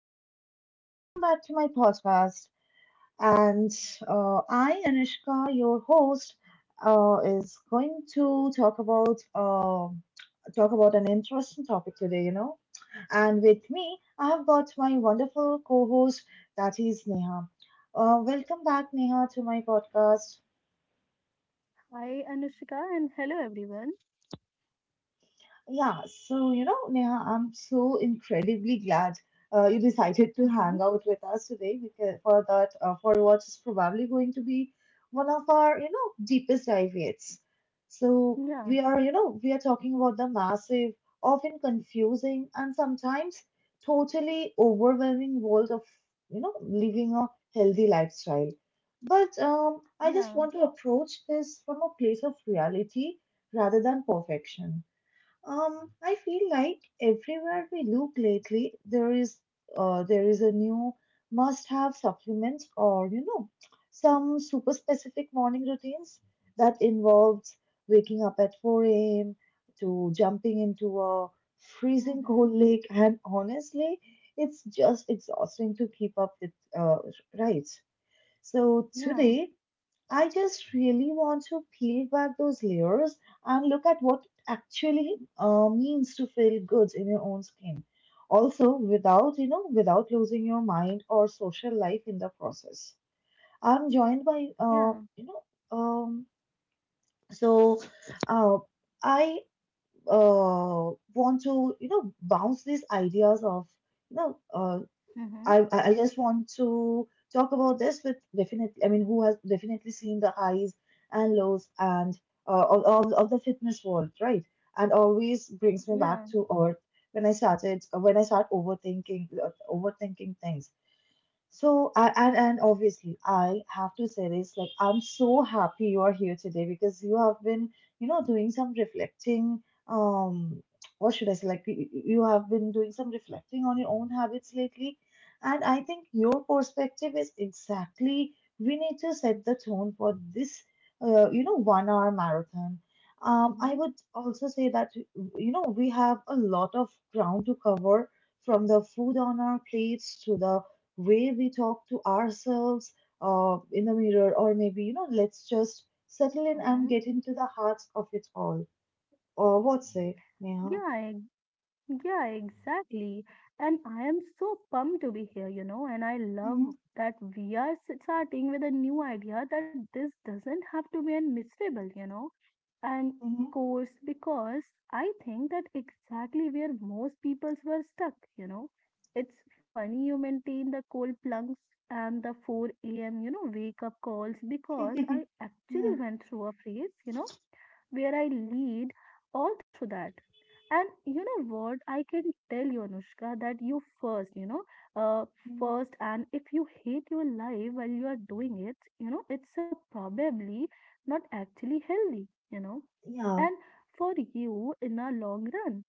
Hello and welcome back to my podcast. And I, Anushka, your host, is going to talk about an interesting topic today. You know, and with me, I have got my wonderful co-host, that is Neha. Welcome back, Neha, to my podcast. Hi, Anushika, and hello, everyone. Yeah, so Neha, I'm so incredibly glad you decided to hang out Mm-hmm. with us today because for what is probably going to be one of our deepest dive yet. So Yeah, we are talking about the massive, often confusing, and sometimes totally overwhelming world of living a healthy lifestyle. But I just want to yeah, approach this from a place of reality rather than perfection. Um, I feel like everywhere we look lately, there is a new must-have supplement or some super specific morning routines that involves waking up at 4 a.m. to jumping into a freezing cold mm-hmm. lake, and honestly, it's just exhausting to keep up with, uh, right? So today Yeah, I just really want to peel back those layers and look at what it actually means to feel good in your own skin. Also, without losing your mind or social life in the process. I'm joined by, yeah, you know, um, so uh, I want to, bounce these ideas of, you know, uh, I mm-hmm. I I just want to talk about this with definitely. I mean, who has definitely seen the highs and lows and of the fitness world, right? And always brings me back Yeah, to earth when I start overthinking things. So and obviously I have to say this, like, I'm so happy you are here today because you have been doing some reflecting. Um, what should I say, like you have been doing some reflecting on your own habits lately, and I think your perspective is exactly we need to set the tone for this 1 hour marathon. Um, I mm-hmm. would also say that you know we have a lot of ground to cover from the food on our plates to the way we talk to ourselves in the mirror, or maybe, you know, let's just settle in and Mm-hmm. get into the heart of it all. Or what say, Neha? Yeah, yeah, exactly. And I am so pumped to be here, you know, and I love Mm-hmm. that we are starting with a new idea that this doesn't have to be a miserable. And Mm-hmm. course, because I think that exactly where most peoples were stuck. It's funny you maintain the cold plunks and the 4 a.m.wake up calls because I Yeah. actually went through a phase, where I lead all through that. And you know what? I can tell you, Anushka, that you uh, Mm. first, and if you hate your life while you are doing it's probably not actually Yeah, and for you in the long run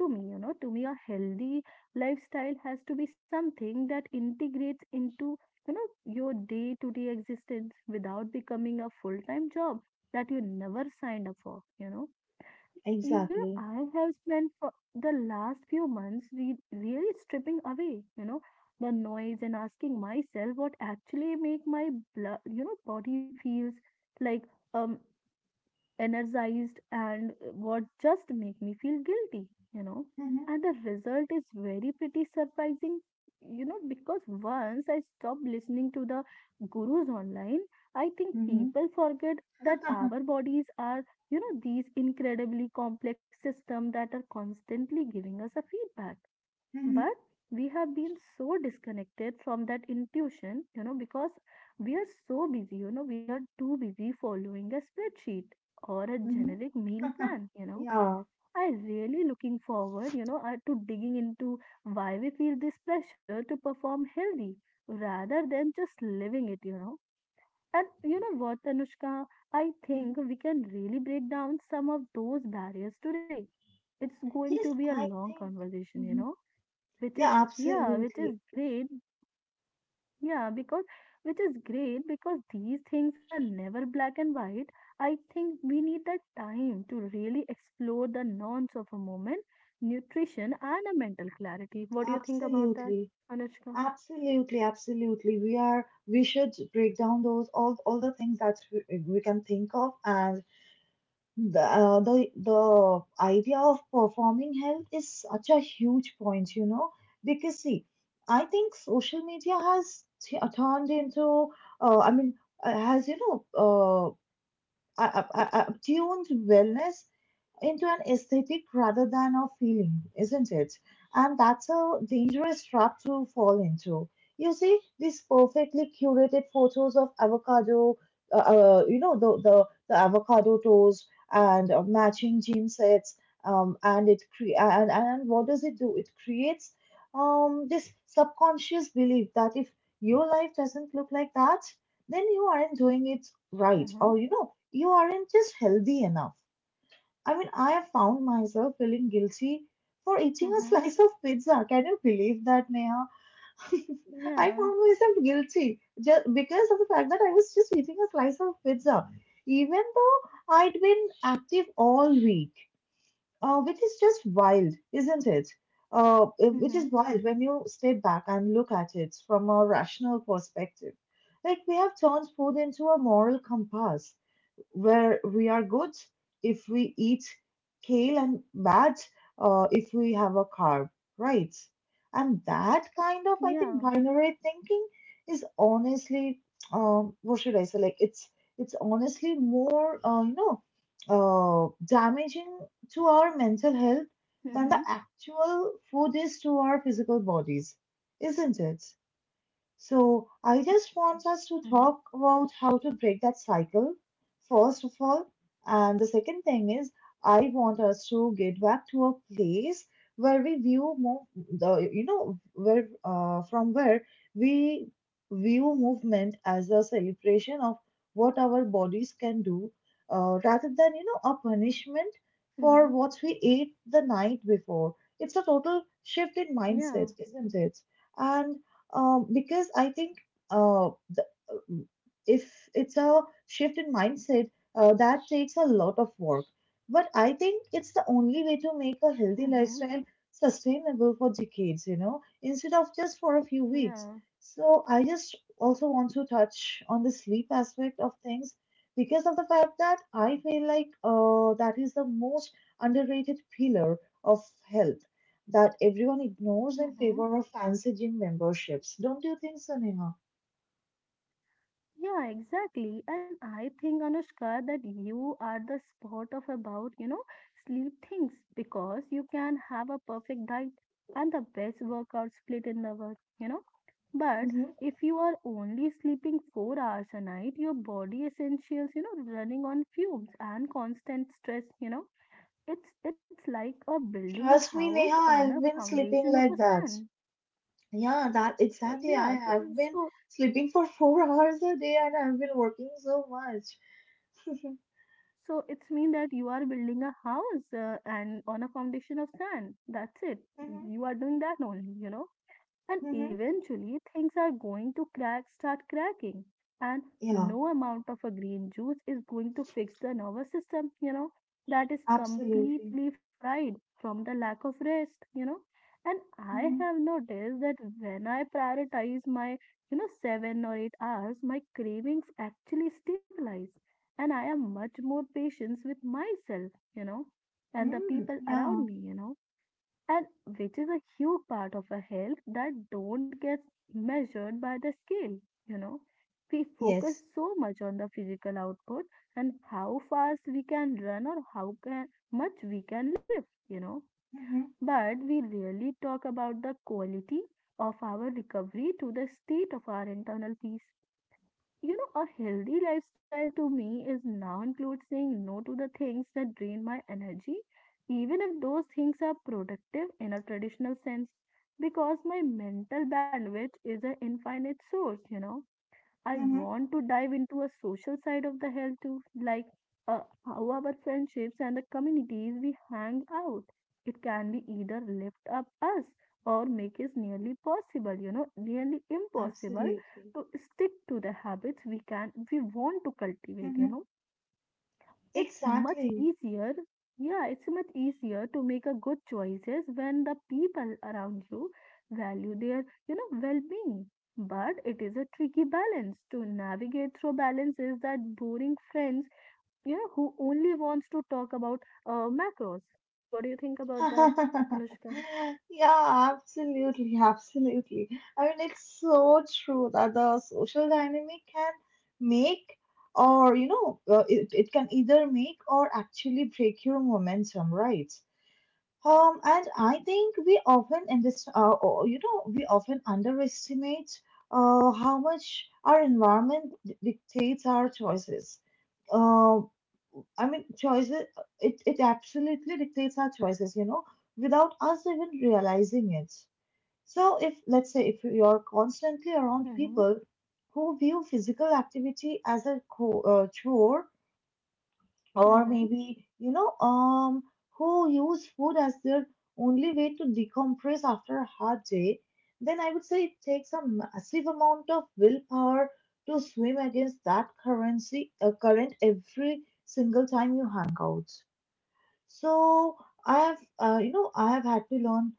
to me a healthy lifestyle has to be something that integrates into your day to day existence without becoming a full time job that you never signed up for you know you know exactly. i have spent for the last few months really stripping away the noise and asking myself what actually make my blood you know body feels like um energized and what just make me feel guilty you know Hmm. and the result is very pretty surprising because once I stopped listening to the gurus online I think people forget that our bodies are these incredibly complex system that are constantly giving us a feedback, but we have been so disconnected from that intuition because we are so busy. We are too busy following a spreadsheet or a generic meal plan you know Yeah. i really looking forward to digging into why we feel this pressure to perform healthy rather than just living it. And you know what, Anushka, I Mhm. think we can really break down some of those barriers today. It's going Yes, to be a I long think. conversation you Mhm. know which is Yeah, yeah which is absolutely. Yeah because great, because these things are never black and white. I think we need that time to really explore the nonce of a moment nutrition and a mental clarity. What do you think about that, Absolutely. Anushka? Absolutely, absolutely. We should break down those all the things that we can think of, and the idea of performing health is such a huge point, you know, because see, I think social media has t- turned into, I mean, has you know, I- tuned wellness into an aesthetic rather than a feeling, isn't it? And that's a dangerous trap to fall into. You see these perfectly curated photos of avocado, you know, the avocado toast and matching gym sets. And what does it do? It creates this subconscious belief that if your life doesn't look like that, then you aren't doing it right, Mm-hmm, or you know, you aren't just healthy enough. I mean, I have found myself feeling guilty for eating a mm-hmm. slice of pizza. Can you believe that, Neha? I Yeah, found myself guilty just because of the fact that I was just eating a slice of pizza, even though I'd been active all week, which is just wild, isn't it? Uh, which mm-hmm. is wild when you step back and look at it from a rational perspective. Like, we have turned food into a moral compass where we are good if we eat kale and bad if we have a carb, right? And that kind of, I Yeah, think, binary thinking is honestly, what should I say? Like it's honestly more, damaging to our mental health than the mm-hmm. actual food is to our physical bodies, isn't it? So I just want us to Mm-hmm. talk about how to break that cycle, first of all. And the second thing is, I want us to get back to a place where we view more, the, you know, where from where we view movement as a celebration of what our bodies can do, rather than a punishment for Mm-hmm. what we ate the night before. It's a total shift in Yeah. mindset, isn't it? And because I think uh, the, uh, if it's a shift in mindset, that takes a lot of work. But I think it's the only way to make a healthy Mm-hmm. lifestyle sustainable for decades, you know, instead of just for a few weeks. Yeah. So I just also want to touch on the sleep aspect of things because of the fact that I feel like that is the most underrated pillar of health that everyone ignores in Mm-hmm. favor of fancy gym memberships. Don't you think so, Neha? Yeah, exactly. And I think, Anushka, that you are the spot of about, sleep things because you can have a perfect diet and the best workout split in the world. You know. But Hmm. if you are only sleeping 4 hours a night. Your body essentials, running on fumes and constant it's like a building a Trust me, house Neha, on I've a been sleeping foundation of a like that. sand. Yeah, that exactly. I Yeah, have been sleeping for four hours a day and I've been working so much. So it's mean that you are building a house and on a foundation of sand. That's it. Mhm, You are doing that only. And mhm. eventually things are going to crack start cracking and Yeah, no amount of a green juice is going to fix the nervous system that is absolutely. completely fried from the lack of rest. And I Mhm, have noticed that when I prioritize my 7 or 8 hours, my cravings actually stabilize and I am much more patient with myself you know and the mm. people around Yeah, me. And which is a huge part of our health that don't get measured by the scale you know we focus yes. so much on the physical output and how fast we can run or how can, much we can lift you know Hmm. but we really talk about the quality of our recovery to the state of our internal peace. A healthy lifestyle to me is now includes saying no to the things that drain my energy, even if those things are productive in a traditional sense, because my mental bandwidth is an infinite source. I Hmm. want to dive into a social side of the health too, like uh, how our friendships and the communities we hang out. It can be either lift up us or make it nearly possible, you know, nearly impossible Absolutely. to stick to the habits we want to cultivate, Hmm. you know it's much Exactly. easier yeah it's much easier to make a good choices when the people around you value their well-being, but it is a tricky balance to navigate through balances that boring friends who only wants to talk about macros. What do you think about that, Anushka? Yeah, absolutely, absolutely. I mean, it's so true that the social dynamic can make or, you know, it, it can either make or actually break your momentum, right? And I think we often we often underestimate how much our environment dictates our choices. Uh, I mean, choices, it absolutely dictates our choices, you know, without us even realizing it. So, if, let's say, if you're constantly around Mm-hmm, people who view physical activity as a chore, or mm-hmm, maybe, who use food as their only way to decompress after a hard day, then I would say it takes a massive amount of willpower to swim against that current every single time you hang out. So I have, I have had to learn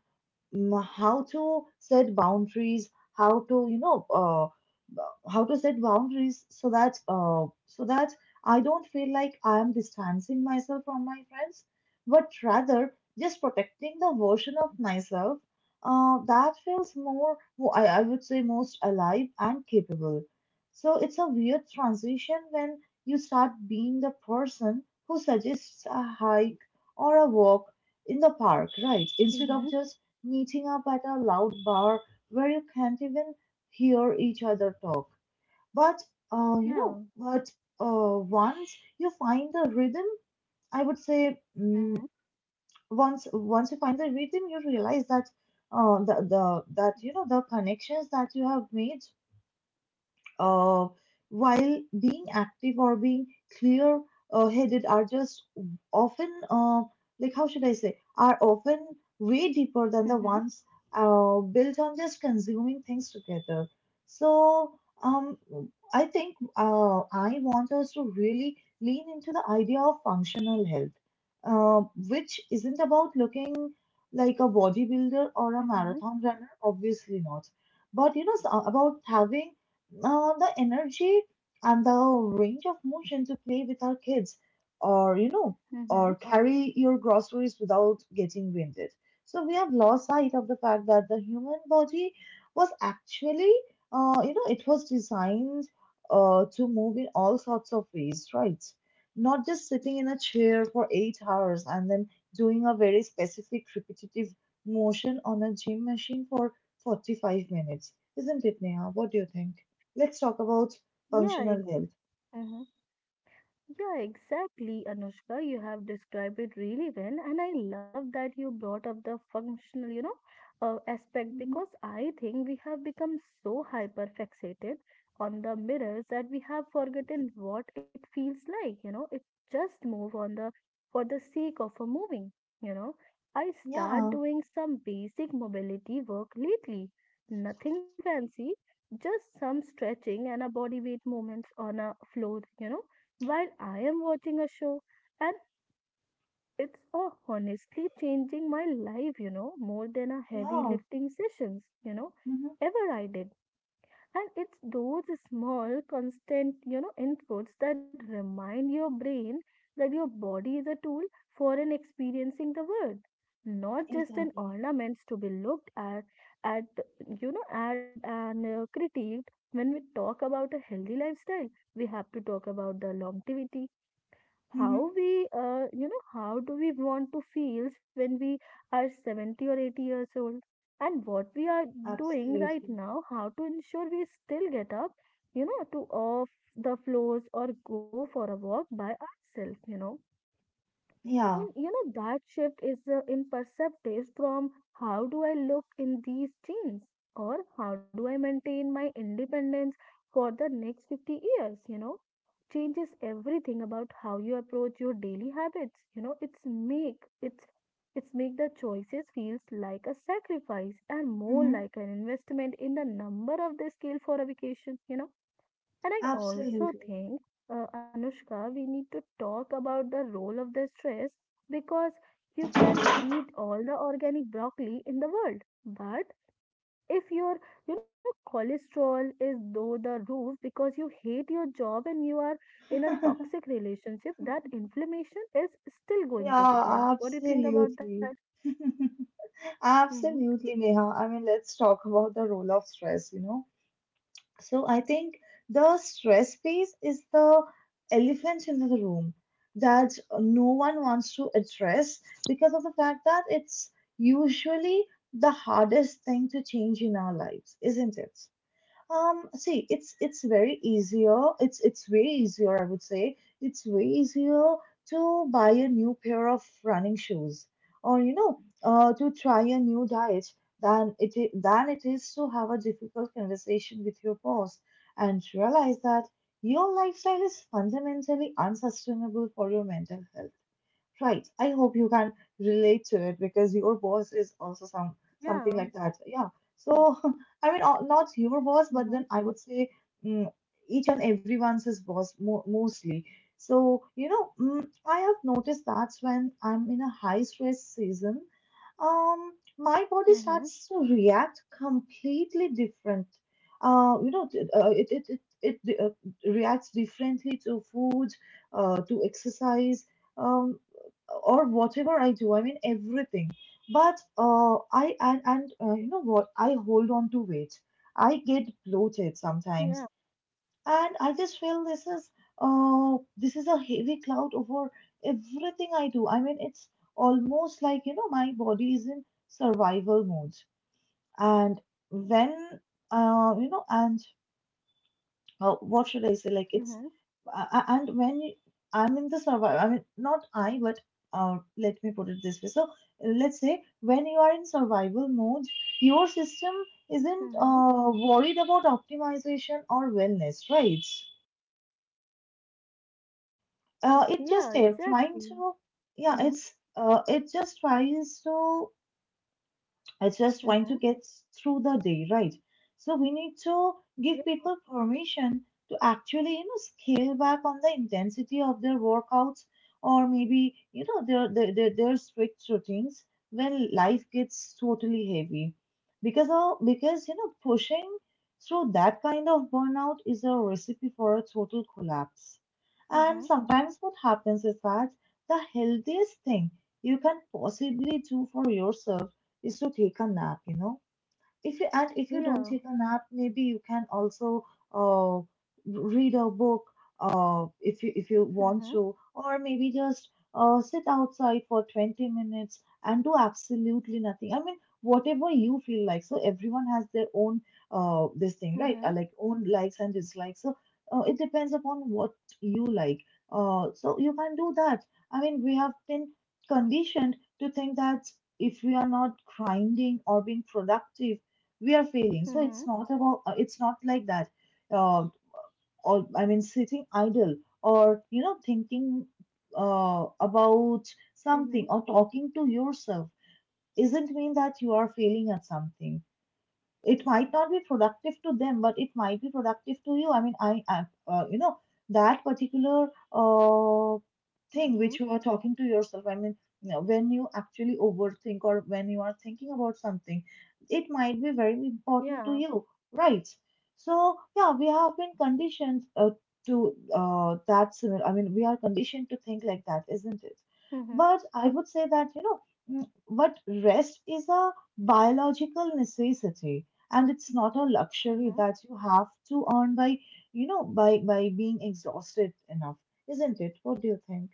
how to set boundaries, how to how to set boundaries so that I don't feel like I am distancing myself from my friends, but rather just protecting the version of myself that feels more mo- I would say most alive and capable. So it's a weird transition when you start being the person who suggests a hike or a walk in the park, right? Instead of mm-hmm, just meeting up at a loud bar where you can't even hear each other talk. But, uh, you yeah, know, but once you find the rhythm, I would say mm-hmm, once you find the rhythm, you realize that the connections that you have made uh, while being active or being clear headed are just often like how should I say are often way deeper than the mm-hmm, ones built on just consuming things together. So um, I think I want us to really lean into the idea of functional health, uh, which isn't about looking like a bodybuilder or a mm-hmm, marathon runner, obviously not, but about having the energy and the range of motion to play with our kids or mm-hmm. or carry your groceries without getting winded. So we have lost sight of the fact that the human body was actually it was designed to move in all sorts of ways, right? Not just sitting in a chair for 8 hours and then doing a very specific repetitive motion on a gym machine for 45 minutes, isn't it, Neha? What do you think? Let's talk about Yeah, functional health. mm-hmm. Yeah, exactly, Anushka. You have described it really well, and I love that you brought up the functional aspect, Mm-hmm. because I think we have become so hyper fixated on the mirrors that we have forgotten what it feels like. It just move on the for the sake of a moving. You know, I start Yeah, doing some basic mobility work lately, nothing fancy, just some stretching and a body weight movements on a floor. While I am watching a show, and it's honestly changing my life, more than a heavy yeah, lifting sessions, Mm-hmm, ever I did. And it's those small, constant, inputs that remind your brain that your body is a tool for an experiencing the world, not just an exactly. ornament to be looked at at and critiqued. When we talk about a healthy lifestyle, we have to talk about the longevity. Mm-hmm. How we how do we want to feel when we are 70 or 80 years old, and what we are doing right Absolutely. now how to ensure we still get up to off the floors or go for a walk by ourselves you know and Yeah, you know, that shift is in perceptive, from how do I look in these jeans or how do I maintain my independence for the next 50 years, changes everything about how you approach your daily habits. It's make it's make the choices feels like a sacrifice and more Mm-hmm, like an investment in the number of the scale for a vacation. And I also absolutely. think, Anushka, we need to talk about the role of the stress, because you can eat all the organic broccoli in the world, but if your cholesterol is though the roof because you hate your job and you are in a toxic relationship, that inflammation is still going to be Yeah, there. What do you think about that? absolutely. Mm-hmm. Absolutely, Neha. I mean, let's talk about the role of stress, you know. So I think the stress piece is the elephant in the room that no one wants to address because of the fact that it's usually the hardest thing to change in our lives, isn't it? See, it's very easier. It's way easier, I would say. It's way easier to buy a new pair of running shoes, or you know, to try a new diet than it is to have a difficult conversation with your boss and realize that your lifestyle is fundamentally unsustainable for your mental health. Right. I hope you can relate to it because your boss is also some something Yeah. like that. Yeah. So I mean, not your boss, but Mm-hmm. then I would say mm, each and everyone's his boss mo mostly. I have noticed that when I'm in a high stress season, um, my body Mm-hmm. starts to react completely different. You know, t- it it it, it reacts differently to food, to exercise. Um, or whatever I do. I mean everything. But I and you know what? I hold on to weight. I get bloated Yeah. sometimes, and I just feel this is a heavy cloud over everything I do. I mean it's almost like you know my body is in survival mode, and when you know and how what should I say? Like it's Mm-hmm. A- and when you, I'm in the survival, I mean not I, but let me put it this way. So let's say when you are in survival mode, your system isn't Mm-hmm. Worried about optimization or wellness, right? It Yeah. just trying Exactly. to yeah, Mm-hmm. it's it just tries to It's just trying Mm-hmm. to get through the day, right? So we need to give people permission to actually, you know, scale back on the intensity of their workouts or maybe, you know, their strict routines when life gets totally heavy. Because you know, pushing through that kind of burnout is a recipe for a total collapse. And Mhm. sometimes what happens is that the healthiest thing you can possibly do for yourself is to take a nap. If you and if you don't Yeah. take a nap maybe you can also uh, read a book if you want Mhm. to, or maybe just sit outside for 20 minutes and do absolutely nothing. I mean whatever you feel like. So everyone has their own this thing, right? Mhm. Like own likes and dislikes. So it depends upon what you like, so you can do that. I mean we have been conditioned to think that if we are not grinding or being productive we are failing. So it's Mhm. not about it's not like that. Uh, or I mean, sitting idle or you know thinking about something Mhm. or talking to yourself isn't mean that you are failing at something. It might not be productive to them but it might be productive to you. I mean I you know, that particular thing Mhm. which you are talking to yourself. I mean you know, when you actually overthink or when you are thinking about something, it might be very important to Yeah. you, right? So yeah, we have been conditioned, to that similar. I mean we are conditioned to think like that, isn't it? Mhm. But I would say that you know, mm, but rest is a biological necessity and it's not a luxury Mhm. that you have to earn by you know by being exhausted enough, isn't it? What do you think?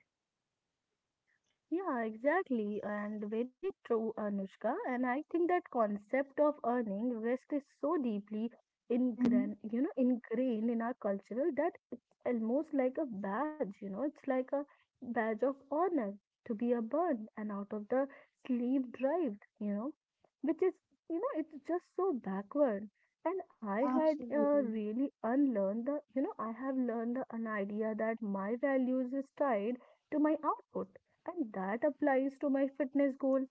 Yeah, exactly, and very true, Anushka. And I think that concept of earning risk is so deeply Hmm. Ingrained in our culture that it's almost like a badge, it's like a badge of honor to be a burn and out of the sleeve drive, which is, it's just so backward. And I had Absolutely. really unlearned the, I have learned the, an idea that my values is tied to my output and that applies to my fitness goal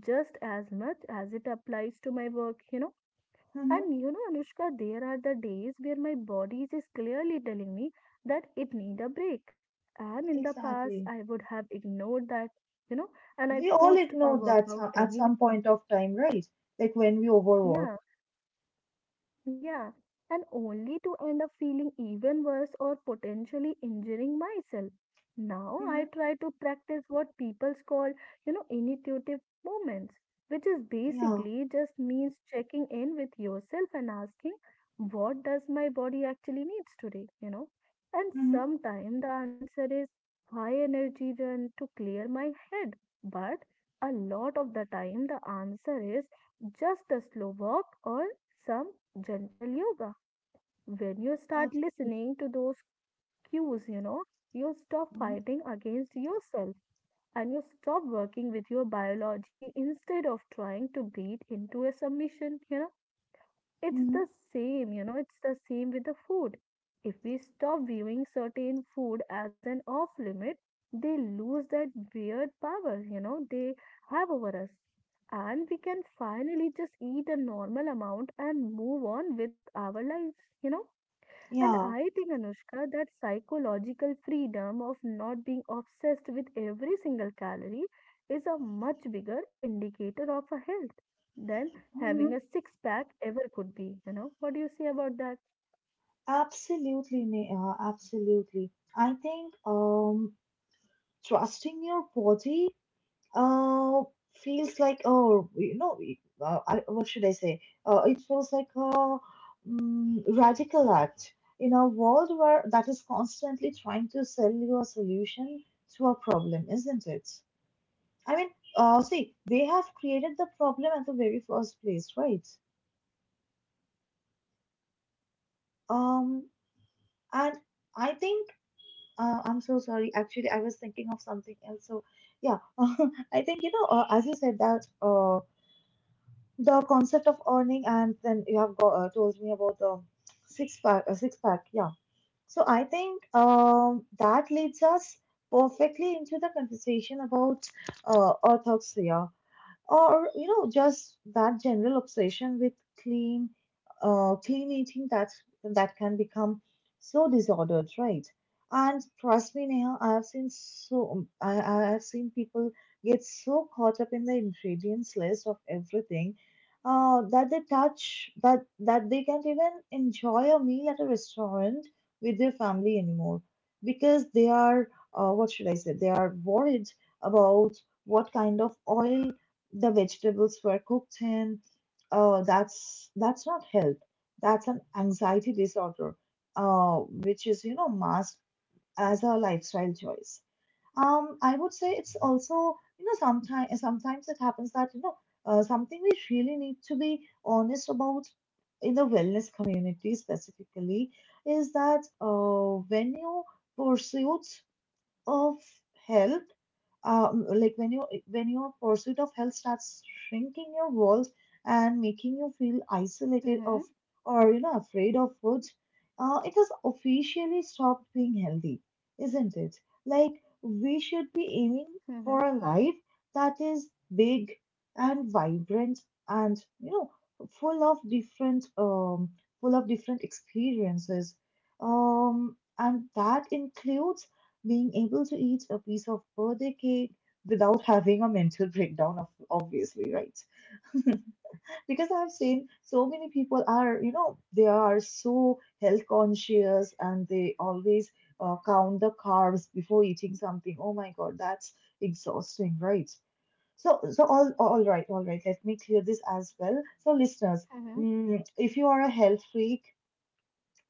just as much as it applies to my work. Mm-hmm. And Anushka, there are the days where my body is clearly telling me that it need a break. And in the past, Exactly. I would have ignored that, you know, and I We all pushed a ignore that workout some, at anyway. some point of time, right? Like when we overwork. Yeah, Yeah, and only to end up feeling even worse or potentially injuring myself. Now I Mm-hmm. try to practice what people call intuitive movements, which is Yeah. basically just means checking in with yourself and asking, what does my body actually needs today? And Mm-hmm. sometimes the answer is high energy run to clear my head, but a lot of the time the answer is just a slow walk or some gentle yoga. When you start listening to those cues, you stop Absolutely. fighting against yourself and you stop working with your biology instead of trying to beat into a submission. It's Mm-hmm. the same with the food. If we stop viewing certain food as an off limit, they lose that weird power, they have over us, and we can finally just eat a normal amount and move on with our lives you know and Yeah. I think, Anushka, that psychological freedom of not being obsessed with every single calorie is a much bigger indicator of a health than having Mm-hmm. a six pack ever could be. What do you say about that? Absolutely, Neha. Absolutely. I think trusting your body Uh, feels like oh, you know, what should I say? It feels like a radical act in a world where that is constantly trying to sell you a solution to a problem, isn't it? I mean, see, they have created the problem at the very first place, right? Um, and I think I'm so sorry. Actually, I was thinking of something else. So yeah, I think you know, as you said that. The concept of earning, and then you have go, told me about the six pack, yeah. So I think that leads us perfectly into the conversation about orthoxia, or you know just that general obsession with clean clean eating that that can become so disordered, right? And trust me Neha, I have seen people get so caught up in the ingredients list of everything that they touch, that that they can't even enjoy a meal at a restaurant with their family anymore because they are what should I say, they are worried about what kind of oil the vegetables were cooked in. That's that's not health. That's an anxiety disorder, which is you know masked as a lifestyle choice. I would say it's also you know sometimes sometimes it happens that you know something we really need to be honest about in the wellness community specifically is that when you pursuit of health like when you when your pursuit of health starts shrinking your walls and making you feel isolated of Mm-hmm, or you know afraid of food, it has officially stopped being healthy, isn't it? Like we should be aiming mm-hmm, for a life that is big and vibrant and you know full of different um full of different experiences, and that includes being able to eat a piece of birthday cake without having a mental breakdown of obviously, right? Because I've seen so many people are you know they are so health conscious and they always count the carbs before eating something. Oh my god, that's exhausting, right? So all right, all right, let me clear this as well. So listeners, if you are a health freak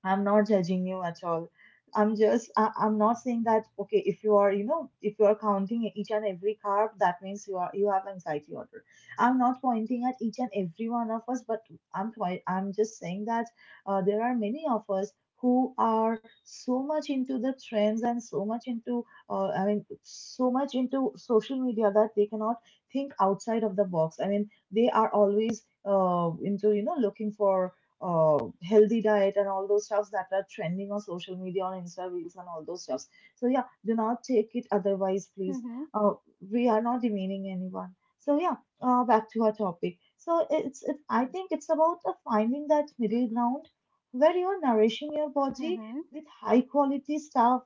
I'm not judging you at all. I'm not saying that, okay, if you are, you know, if you are counting each and every carb, that means you are, you have anxiety order. I'm not pointing at each and every one of us, but I'm just saying that there are many of us who are so much into the trends and so much into, I mean, so much into social media that they cannot think outside of the box. I mean, they are always into, you know, looking for healthy diet and all those stuffs that are trending on social media on Insta reels and all those stuffs. So yeah, do not take it otherwise, please. mm-hmm, Uh, we are not demeaning anyone. So yeah, back to our topic. So I think it's about finding that middle ground where you're nourishing your body mm-hmm. with high quality stuff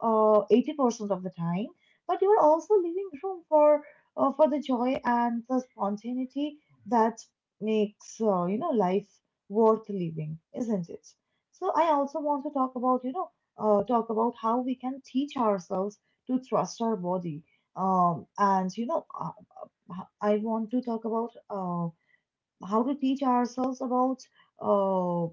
80% of the time, but you're also leaving room for the joy and the spontaneity that makes you know life worth living, isn't it? So I also want to talk about, you know, talk about how we can teach ourselves to trust our body. And you know, I want to talk about how to teach ourselves about uh, uh,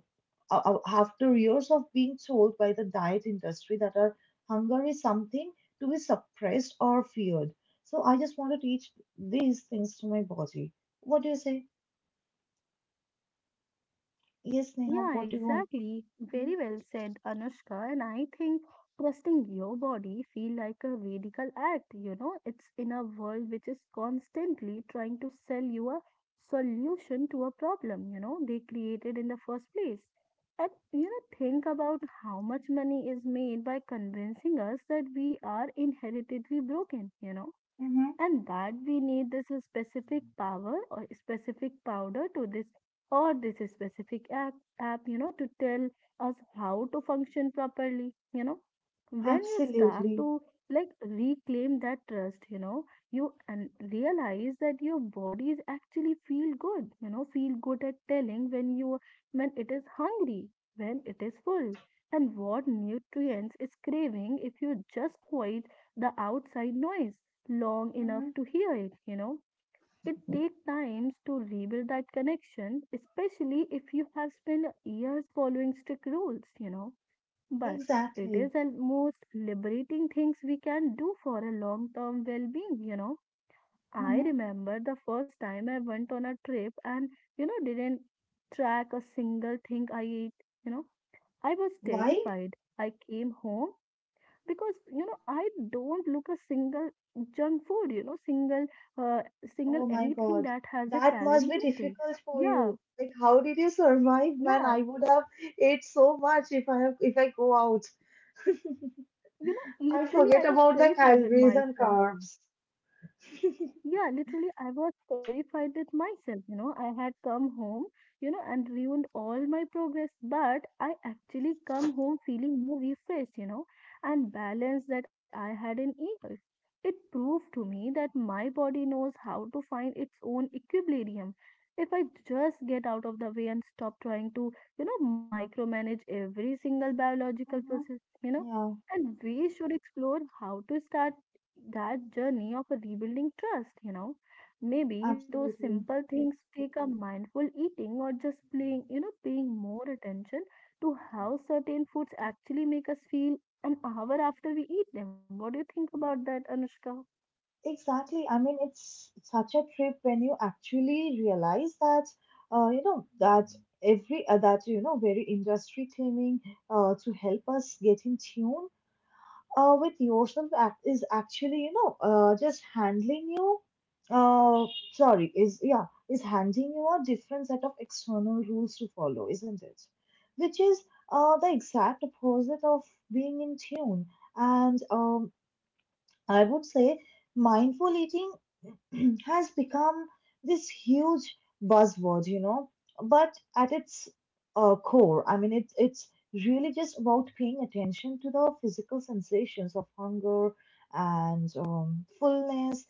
after years of being told by the diet industry that our hunger is something to be suppressed or feared. So I just want to teach these things to my body. What do you say? Yes, Neha, Yeah, what do you want? exactly. Very well said, Anushka. And I think trusting your body feel like a radical act, you know, it's in a world which is constantly trying to sell you a solution to a problem, you know, they created in the first place. And you know, think about how much money is made by convincing us that we are inherently broken, you know, Hmm. and that we need this specific power or specific powder to this or this specific app, app, to tell us how to function properly, you know, when you start Absolutely. to like reclaim that trust, you know, you and realize that your bodies actually feel good, you know, feel good at telling when you when it is hungry, when it is full, and what nutrients it's craving if you just quiet the outside noise long enough Hmm. to hear it, you know. It takes times to rebuild that connection, especially if you have spent years following strict rules, you know. But it Exactly. is the most liberating things we can do for a long term well being, you know. I Hmm. remember the first time I went on a trip and, you know, didn't track a single thing I ate, you know. I was Why? terrified. I came home because I don't look a single junk food, single uh, single Oh my anything God. that has a That must calorie be intake. difficult for Yeah. you. Like, how did you survive, man? I Yeah. would have ate so much if I have, if I go out. you know I Literally I forget was about the terrified with calories and myself. carbs. Yeah, literally, I was terrified with myself. You know, I had come home, you know, and ruined all my progress, but I actually come home feeling more refreshed, you know, and balanced that I had in years. It proved to me that my body knows how to find its own equilibrium. If I just get out of the way and stop trying to, you know, micromanage every single biological Hmm. process, you know, Yeah, and we should explore how to start that journey of a rebuilding trust, you know. Maybe those absolutely. simple things take a mindful eating or just playing, you know, paying more attention to how certain foods actually make us feel an hour after we eat them. What do you think about that, Anushka? Exactly. I mean, it's such a trip when you actually realize that, you know, that every that you know very industry claiming to help us get in tune with yourself act is actually you know just handling you. Uh, sorry, is yeah, is handing you a different set of external rules to follow, isn't it? Which is the exact opposite of being in tune. And I would say mindful eating has become this huge buzzword, you know. But at its core, I mean, it it's really just about paying attention to the physical sensations of hunger and fullness,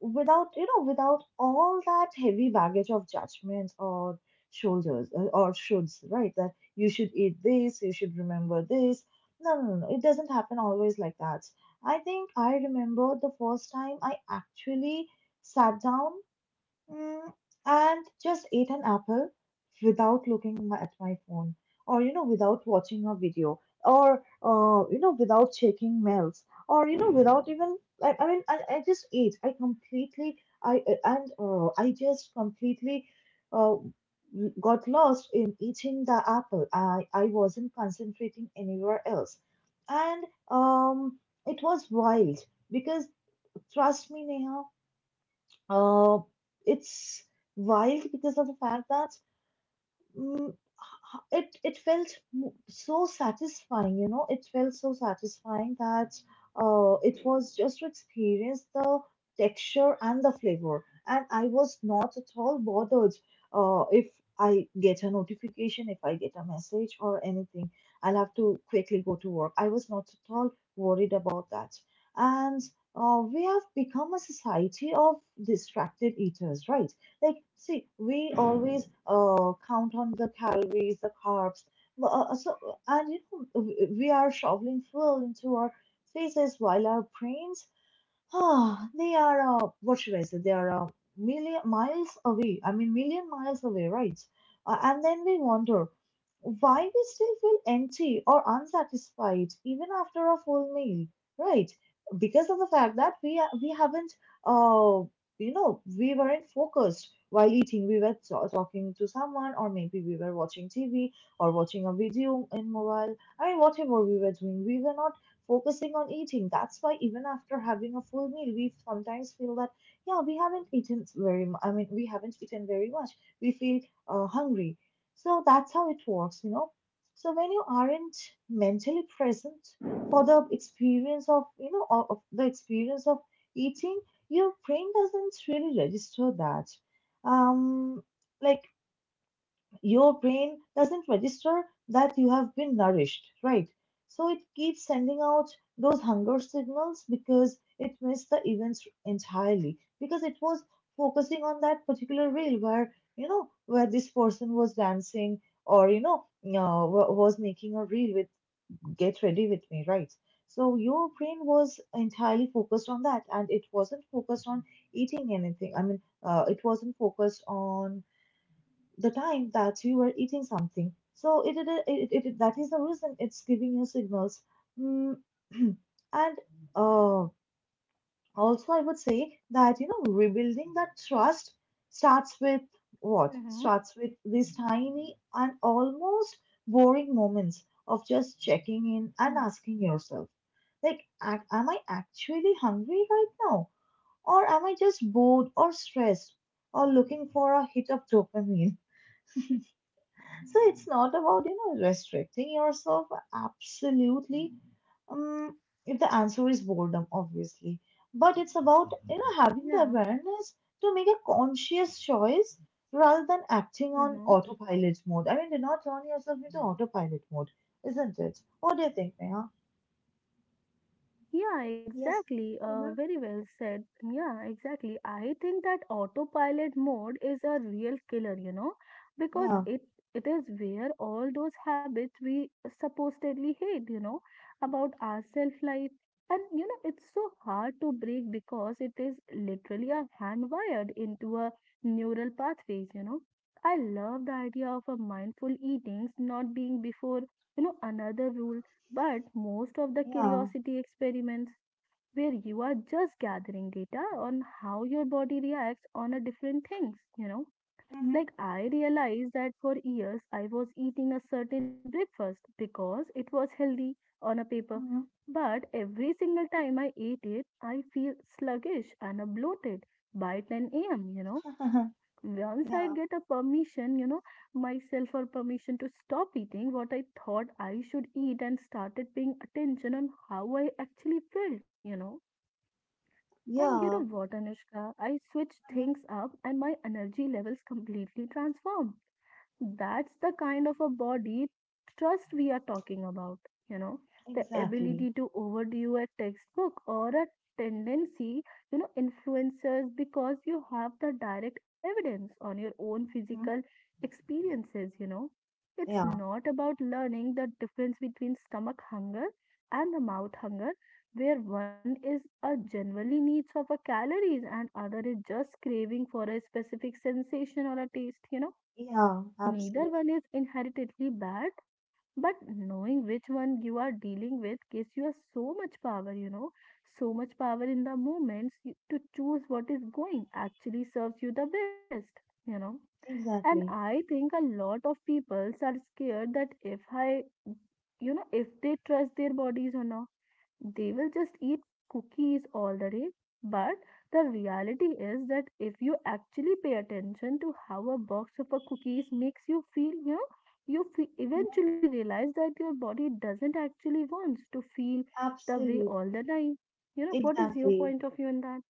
without you know, without all that heavy baggage of judgment or shoulders or shoulds, right? That you should eat this, you should remember this. No, no, no, no, it doesn't happen always like that. I think I remember the first time I actually sat down, mm, and just ate an apple without looking at my phone or without watching a video or without checking mails or without even I just ate I completely. I I- and uh, i just completely uh, got lost in eating the apple. I wasn't concentrating anywhere else. And um it was wild because, trust me, Neha, uh, it's wild because of the fact that, mm, it felt so satisfying. You know, it felt so satisfying that, it was just to experience the texture and the flavor, and I was not at all bothered if I get a notification, if I get a message or anything, I'll have to quickly go to work. I was not at all worried about that. And we have become a society of distracted eaters, right? Like, see, we always count on the calories, the carbs. but, Uh, so, and you know, we are shoveling fuel into our faces, while our brains, they are, what should I say, they are, million miles away. I mean, million miles away, right? And then we wonder why we still feel empty or unsatisfied even after a full meal, right? Because of the fact that we haven't, uh, you know, we weren't focused while eating. We were talking to someone, or maybe we were watching TV or watching a video in mobile. I mean, whatever we were doing, we were not focusing on eating. That's why even after having a full meal, we sometimes feel that, yeah, we haven't eaten I mean, we haven't eaten very much. We feel hungry. So that's how it works, you know. So when you aren't mentally present for the experience of, you know, of the experience of eating, your brain doesn't really register that. Um, like, your brain doesn't register that you have been nourished, right? So it keeps sending out those hunger signals because it missed the events entirely, because it was focusing on that particular reel where, you know, where this person was dancing, or you know, was making a reel with "get ready with me," right? So your brain was entirely focused on that, and it wasn't focused on eating anything. I mean, it wasn't focused on the time that we were eating something. So it, that is the reason it's giving you signals. Mm, and uh, also, I would say that, you know, rebuilding that trust starts with what? Mm-hmm. Starts with these tiny and almost boring moments of just checking in and asking yourself, like, am I actually hungry right now, or am I just bored or stressed or looking for a hit of dopamine? So it's not about, you know, restricting yourself. Absolutely. Um, if the answer is boredom, obviously. But it's about, you know, having the Yeah. awareness to make a conscious choice rather than acting on Mm-hmm. autopilot mode. I mean, do not turn yourself into autopilot mode, isn't it? What do you think, Neha? Yeah, Yes. exactly. Mm-hmm. Very well said. Yeah, exactly. I think that autopilot mode is a real killer, you know, because Yeah. it is where all those habits we supposedly hate, you know, about our self-life. And you know, it's so hard to break because it is literally a hand wired into a neural pathways, you know. I love the idea of a mindful eatings not being before, you know, another rule but most of the Yeah. curiosity experiments where you are just gathering data on how your body reacts on a different things, you know. Like I realized that for years I was eating a certain breakfast because it was healthy on a paper. Mm-hmm. But every single time I ate it, I feel sluggish and bloated by 10 a.m., you know, Mm-hmm. once I Yeah. get a permission, you know, myself or permission to stop eating what I thought I should eat and started paying attention on how I actually felt, you know. And you know Yeah. what, Anushka, I switched Hmm. things up and my energy levels completely transformed. That's the kind of a body trust we are talking about, you know, the Exactly. ability to overdo a textbook or a tendency, you know, influencers because you have the direct evidence on your own Hmm. physical experiences, you know. It's Yeah. not about learning the difference between stomach hunger and the mouth hunger, where one is a generally needs of a calories and other is just craving for a specific sensation or a taste, you know. Yeah. Absolutely. Neither one is inherently bad, but knowing which one you are dealing with gives you a so much power, you know, so much power in the moments you- to choose what is going actually serves you the best, you know. And Exactly. I think a lot of people are scared that if I, you know, if they trust their bodies or not they will just eat cookies all the day. But the reality is that if you actually pay attention to how a box of a cookies makes you feel, you know, you fe- eventually realize that your body doesn't actually wants to feel the way all Absolutely. the time. You know, what is your Exactly. point of view on that?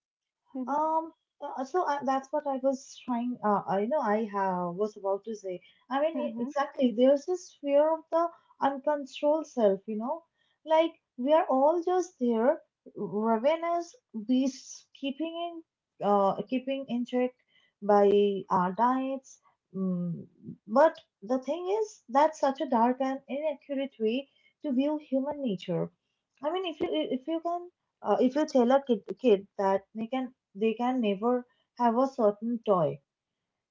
Mm-hmm. Um, so I, that's what I was trying. I know I have was about to say. I mean, Mm-hmm. exactly. There's this fear of the uncontrolled self. You know, like, we are all just there, ravenous beasts, keeping keeping in check by our diets. Mm, but the thing is, that's such a dark and inaccurate way to view human nature. I mean, if you can, if you tell a kid that they can never have a certain toy.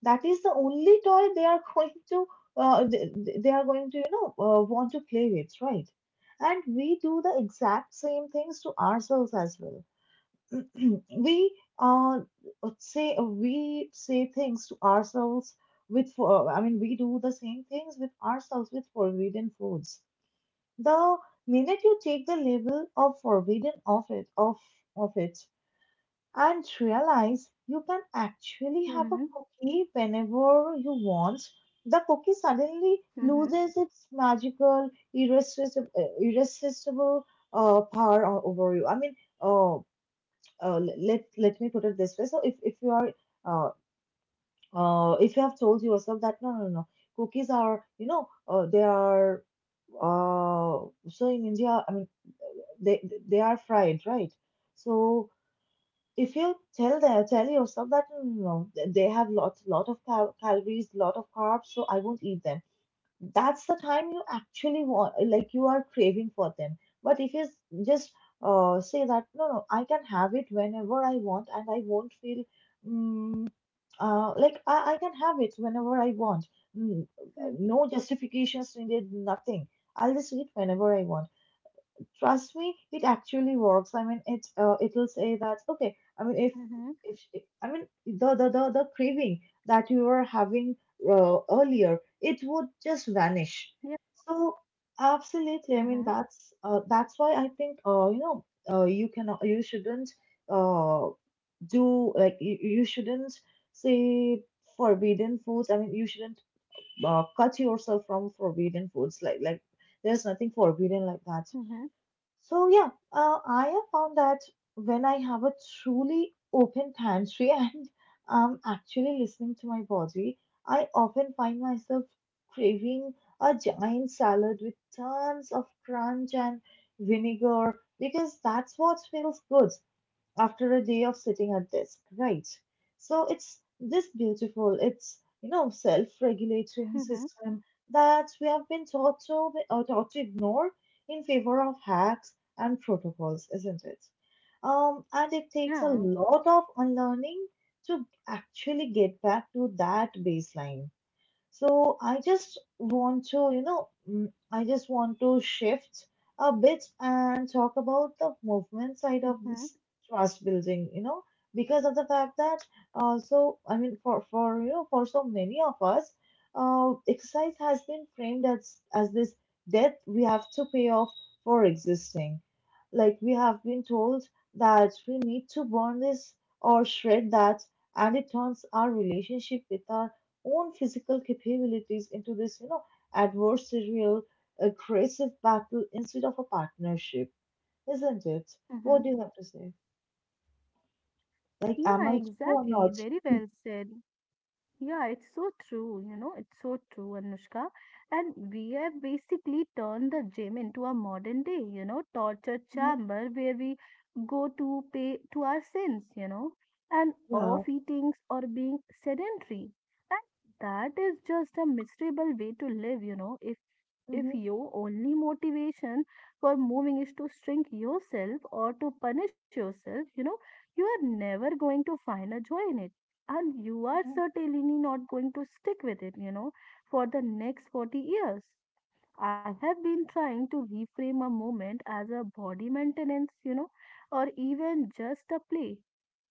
That is the only toy they are going to, uh, they, they are going to, you know, want to play with, right? And we do the exact same things to ourselves as well. we say we say things to ourselves with for I mean, we do the same things with ourselves with forbidden foods. The minute you take the label of forbidden off of it, and realize you can actually have a Mm-hmm. cookie whenever you want, the cookie suddenly Mm-hmm. loses its magical, irresistible, power over you. I mean, uh, let me put it this way. So if you are, uh, if you have told yourself that, no no no, cookies are, you know, they are so in India, I mean, they are fried, right? So if you tell yourself that "Mm, no, they have lots lot of calories, lot of carbs, so I won't eat them," that's the time you actually want, like, you are craving for them. But if you s- just say that, no no, I can have it whenever I want and I won't feel, mm like, I can have it whenever I want. Mm, no justifications needed, nothing. I'll just eat whenever I want. Trust me, it actually works. I mean, it will say that, okay. I mean, if Mm-hmm. Mm-hmm. if I mean, the craving that you were having earlier, it would just vanish. Yeah. So absolutely, I mean, Mm-hmm. That's why I think, you cannot, you shouldn't uh, do like you shouldn't say forbidden foods. I mean, you shouldn't cut yourself from forbidden foods. Like, there's nothing forbidden like that. Mm-hmm. So yeah, I have found that when I have a truly open pantry and I'm actually listening to my body, I often find myself craving a giant salad with tons of crunch and vinegar because that's what feels good after a day of sitting at desk, right? So it's this beautiful, it's, you know, self-regulating Mm-hmm. system that we have been taught to, ignore in favor of hacks and protocols, isn't it? And it takes a Yeah. lot of unlearning to actually get back to that baseline. So I just want to, you know, I just want to shift a bit and talk about the movement side of Mm-hmm. this trust building, you know, because of the fact that, so I mean, for so many of us, exercise has been framed as this debt we have to pay off for existing. Like, we have been told that we need to burn this or shred that, and it turns our relationship with our own physical capabilities into this, you know, adversarial, aggressive battle instead of a partnership, isn't it? Mm-hmm. What do you have to say? Like, am Yeah, I true or not? exactly. Very well said. Yeah, it's so true, you know, it's so true, Anushka. And we have basically turned the gym into a modern day, you know, torture Hmm. chamber where we go to pay to our sins, you know, and Yeah. off eatings or being sedentary. And that is just a miserable way to live, you know, if Hmm. your only motivation for moving is to shrink yourself or to punish yourself, you know, you are never going to find a joy in it. And you are Hmm. certainly not going to stick with it, you know, for the next 40 years. I have been trying to reframe a movement as a body maintenance, you know, or even just a play.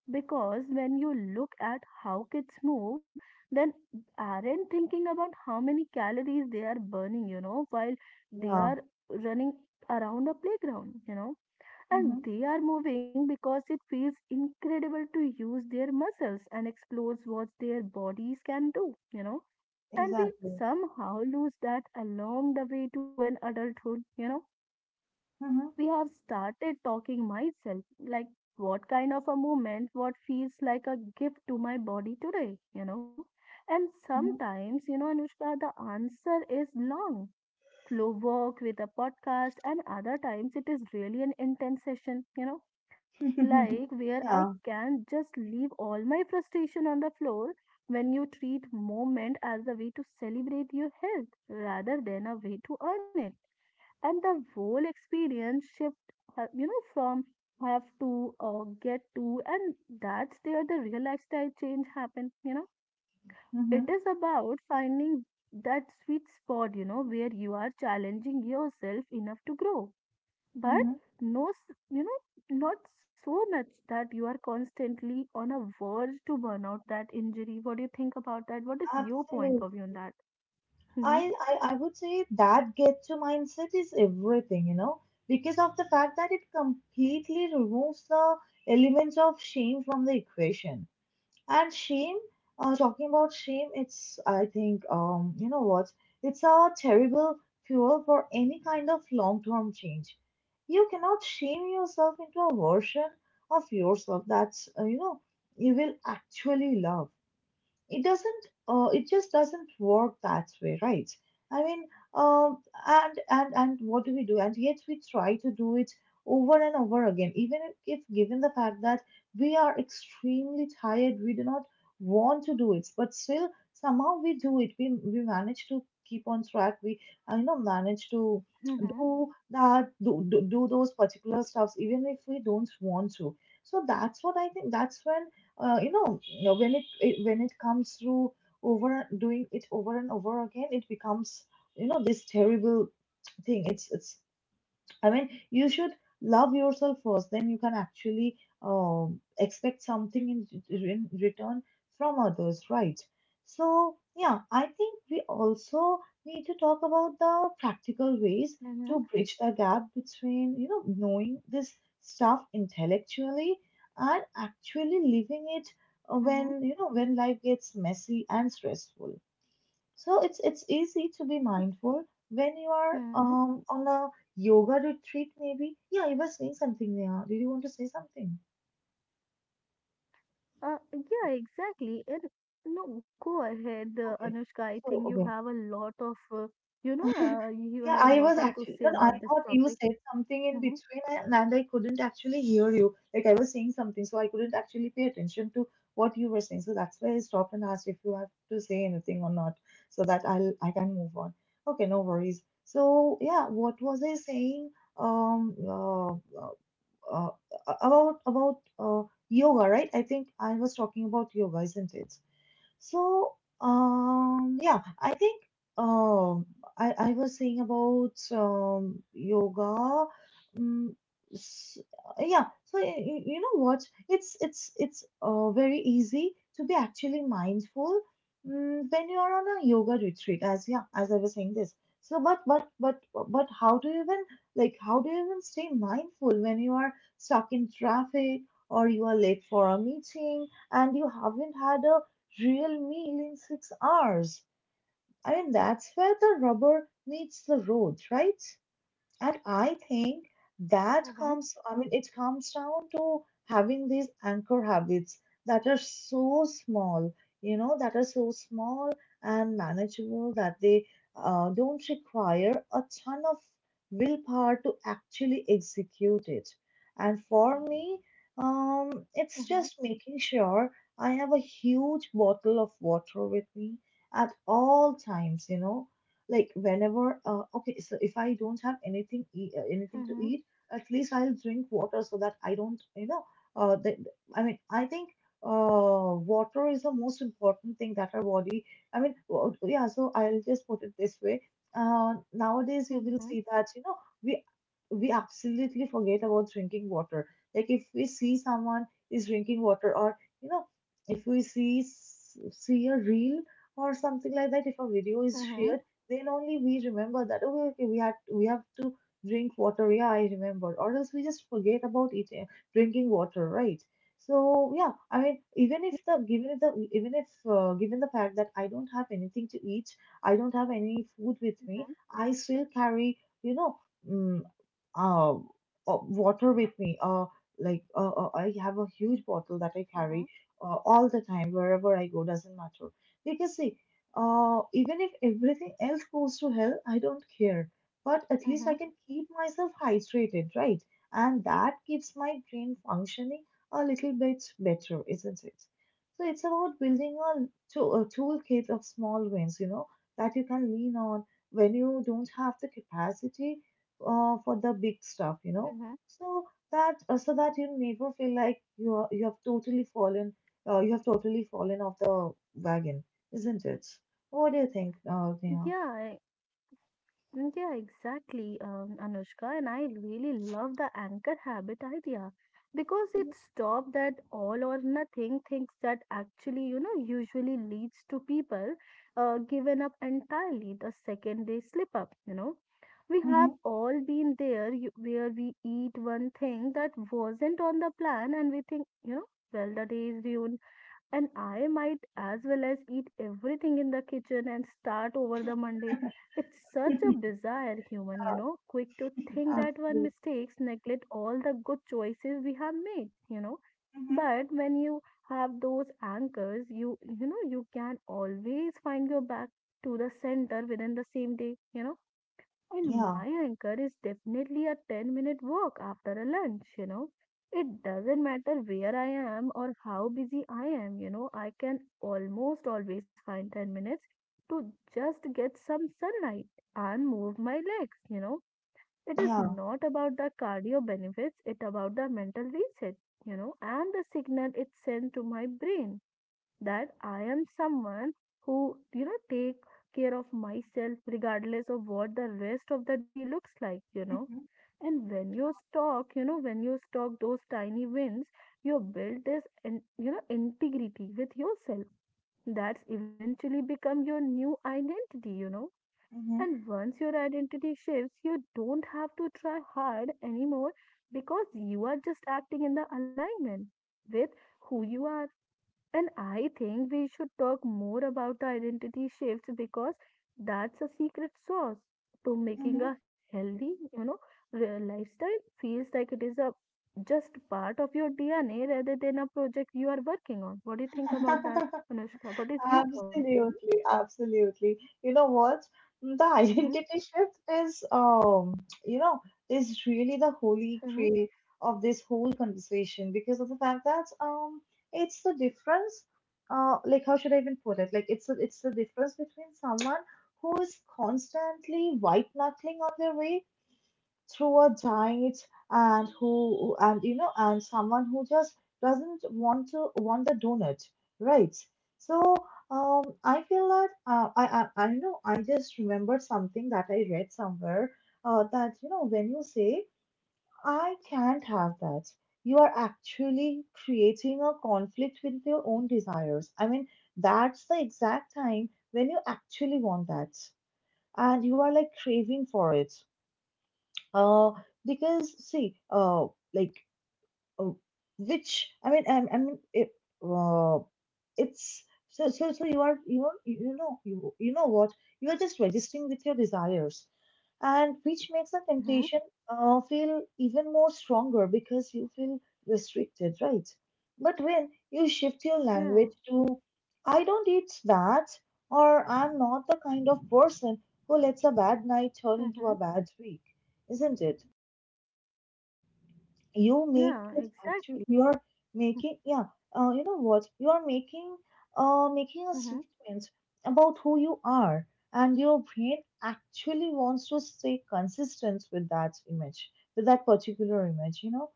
Because when you look at how kids move, then aren't thinking about how many calories they are burning, you know, while they Yeah. are running around a playground, you know. Hmm. And they are moving because it feels incredible to use their muscles and explores what their bodies can do, you know. And we Exactly. somehow lose that along the way to an adulthood, you know, Hmm. we have started talking myself like what kind of a movement what feels like a gift to my body today, you know, and Hmm. sometimes, you know, Anushka, the answer is long slow work with a podcast and other times it is really an intense session, you know, like where I Yeah. can just leave all my frustration on the floor. When you treat moment as a way to celebrate your health rather than a way to earn it and the whole experience shift, you know, from have to get to, and that's there the real lifestyle change happen, you know. Hmm. It is about finding that sweet spot, you know, where you are challenging yourself enough to grow, Hmm. but no s- you know, not so much that you are constantly on a verge to burn out that injury. What do you think about that? What is your point Absolutely. of view on that? Mm-hmm. I I would say that "get to" mindset is everything, you know, because of the fact that it completely removes the element of shame from the equation. And shame, talking about shame, it's, I think, you know what? It's a terrible fuel for any kind of long term change. You cannot shame yourself into a version of yourself that, you know, you will actually love. It doesn't, it just doesn't work that way, right? I mean, um, and what do we do? And yet we try to do it over and over again, even if given the fact that we are extremely tired, we do not want to do it, but still somehow we do it. We manage to keep on track. We i know manage to Mm-hmm. do that, do those particular stuffs even if we don't want to. So that's what I think, that's when, when it, when it comes through, over doing it over and over again, it becomes, you know, this terrible thing. It's, I mean, you should love yourself first, then you can actually expect something in return from others, right? So, yeah, I think we also need to talk about the practical ways Mm-hmm. to bridge the gap between, you know, knowing this stuff intellectually and actually living it, Mm-hmm. when, you know, when life gets messy and stressful. So it's easy to be mindful when you are Mm-hmm. On a yoga retreat maybe. Yeah, you were saying something there. Did you want to say something? Yeah, exactly. And no, go ahead, Okay. Anushka. I So think you okay. have a lot of, you know, you Yeah, have a I lot was of to actually, say no no, I about this thought you topic. said something in Mm-hmm, between, and I couldn't actually hear you. Like, I was saying something, so I couldn't actually pay attention to what you were saying. So that's why I stopped and asked if you have to say anything or not, so that I can move on. Okay, no worries. So yeah, what was I saying? Um, uh, uh, uh, about yoga, right? I think I was talking about yoga, isn't it? So, yeah, I think, um, I was saying about, yoga. Um, s- yeah, so you know what? It's very easy to be actually mindful, when you are on a yoga retreat. As, yeah, as I was saying this. So, but how do you even, like, how do you even stay mindful when you are stuck in traffic, or you are late for a meeting and you haven't had a real meal in 6 hours. I mean, that's where the rubber meets the road, right? And I think that mm-hmm, comes, I mean, it comes down to having these anchor habits that are so small, that are so small and manageable that they don't require a ton of willpower to actually execute it. And for me, it's mm-hmm, just making sure I have a huge bottle of water with me at all times, you know, like whenever Okay, so if I don't have anything anything to mm-hmm, eat at least I'll drink water so that I don't. That I mean, I think water is the most important thing that our body. I mean, yeah, so I'll just put it this way. Nowadays you will mm-hmm, see that you know we absolutely forget about drinking water, like if we see someone is drinking water, or you know, if we see a reel or something like that, if a video is mm-hmm, shared, then only we remember that okay, we have to drink water. Yeah, I remember, or else we just forget about eating, drinking water, right? So yeah, I mean, even if the given if the even if given the fact that I don't have anything to eat, I don't have any food with me, I still carry, you know, mm, uh, water with me. Like I have a huge bottle that I mm-hmm, carry mm-hmm. All the time wherever I go. Doesn't matter because see, even if everything else goes to hell, I don't care. But at least Mm-hmm. I can keep myself hydrated, right? And that keeps my brain functioning a little bit better, isn't it? So it's about building a toolkit of small wins, you know, that you can lean on when you don't have the capacity for the big stuff, you know. Mm-hmm. So so that you never feel like you have totally fallen you have totally fallen off the wagon, isn't it? What do you think, Neha? Yeah, mm, yeah, exactly, Anushka, and I really love the anchor habit idea because it stops that all or nothing things that actually, you know, usually leads to people giving up entirely the second they slip up, you know. We have Mm-hmm. all been there you, where we eat one thing that wasn't on the plan and we think, you know, well, the day is ruined and I might as well as eat everything in the kitchen and start over the Monday. It's such a bizarre human, you know, quick to think that one Absolutely. mistakes neglect all the good choices we have made, you know. Hmm. But when you have those anchors, you know you can always find your back to the center within the same day, you know. And Yeah, my anchor is definitely a 10-minute walk after a lunch, you know. It doesn't matter where I am or how busy I am, you know, I can almost always find 10 minutes to just get some sunlight and move my legs, you know, it is yeah. not about the cardio benefits. It's about the mental reset, you know, and the signal it sends to my brain that I am someone who, you know, take care of myself regardless of what the rest of the day looks like, you know, Mm-hmm. and when you stock, you know, when you stock those tiny wins you build this and you know integrity with yourself that's eventually become your new identity, you know, Mm-hmm. and once your identity shifts, you don't have to try hard anymore because you are just acting in the alignment with who you are. And I think we should talk more about the identity shifts because that's a secret sauce to Mm-hmm. making a healthy, you know, real lifestyle feels like it is a just part of your DNA rather than a project you are working on. What do you think about that, Anushka? What is your point of view? Absolutely, absolutely. You know what? The Mm-hmm. identity shift is, you know, is really the holy Mm-hmm. grail of this whole conversation because of the fact that it's the difference. Like, how should I even put it? Like it's the difference between someone who is constantly white knuckling on their way through a giant, and who and you know and someone who just doesn't want to want the donut, right? So I feel that I know I just remembered something that I read somewhere, that you know, when you say I can't have that, you are actually creating a conflict with your own desires. I mean, that's the exact time when you actually want that, and you are like craving for it. uh, because see, like, uh, which I mean, uh, it's, so you are, you, you know what? You are just registering with your desires, and which makes the Mm-hmm. temptation feel even more stronger because you feel restricted, right? But when you shift your Yeah. language to, I don't eat that, or I'm not the kind of person who lets a bad night turn into a Mm-hmm. bad week, isn't it? You make Yeah, it actually exactly. you are making, yeah, you know what? You are making, making a Mm-hmm, statement about who you are, and your brain actually wants to stay consistent with that image, with that particular image, you know.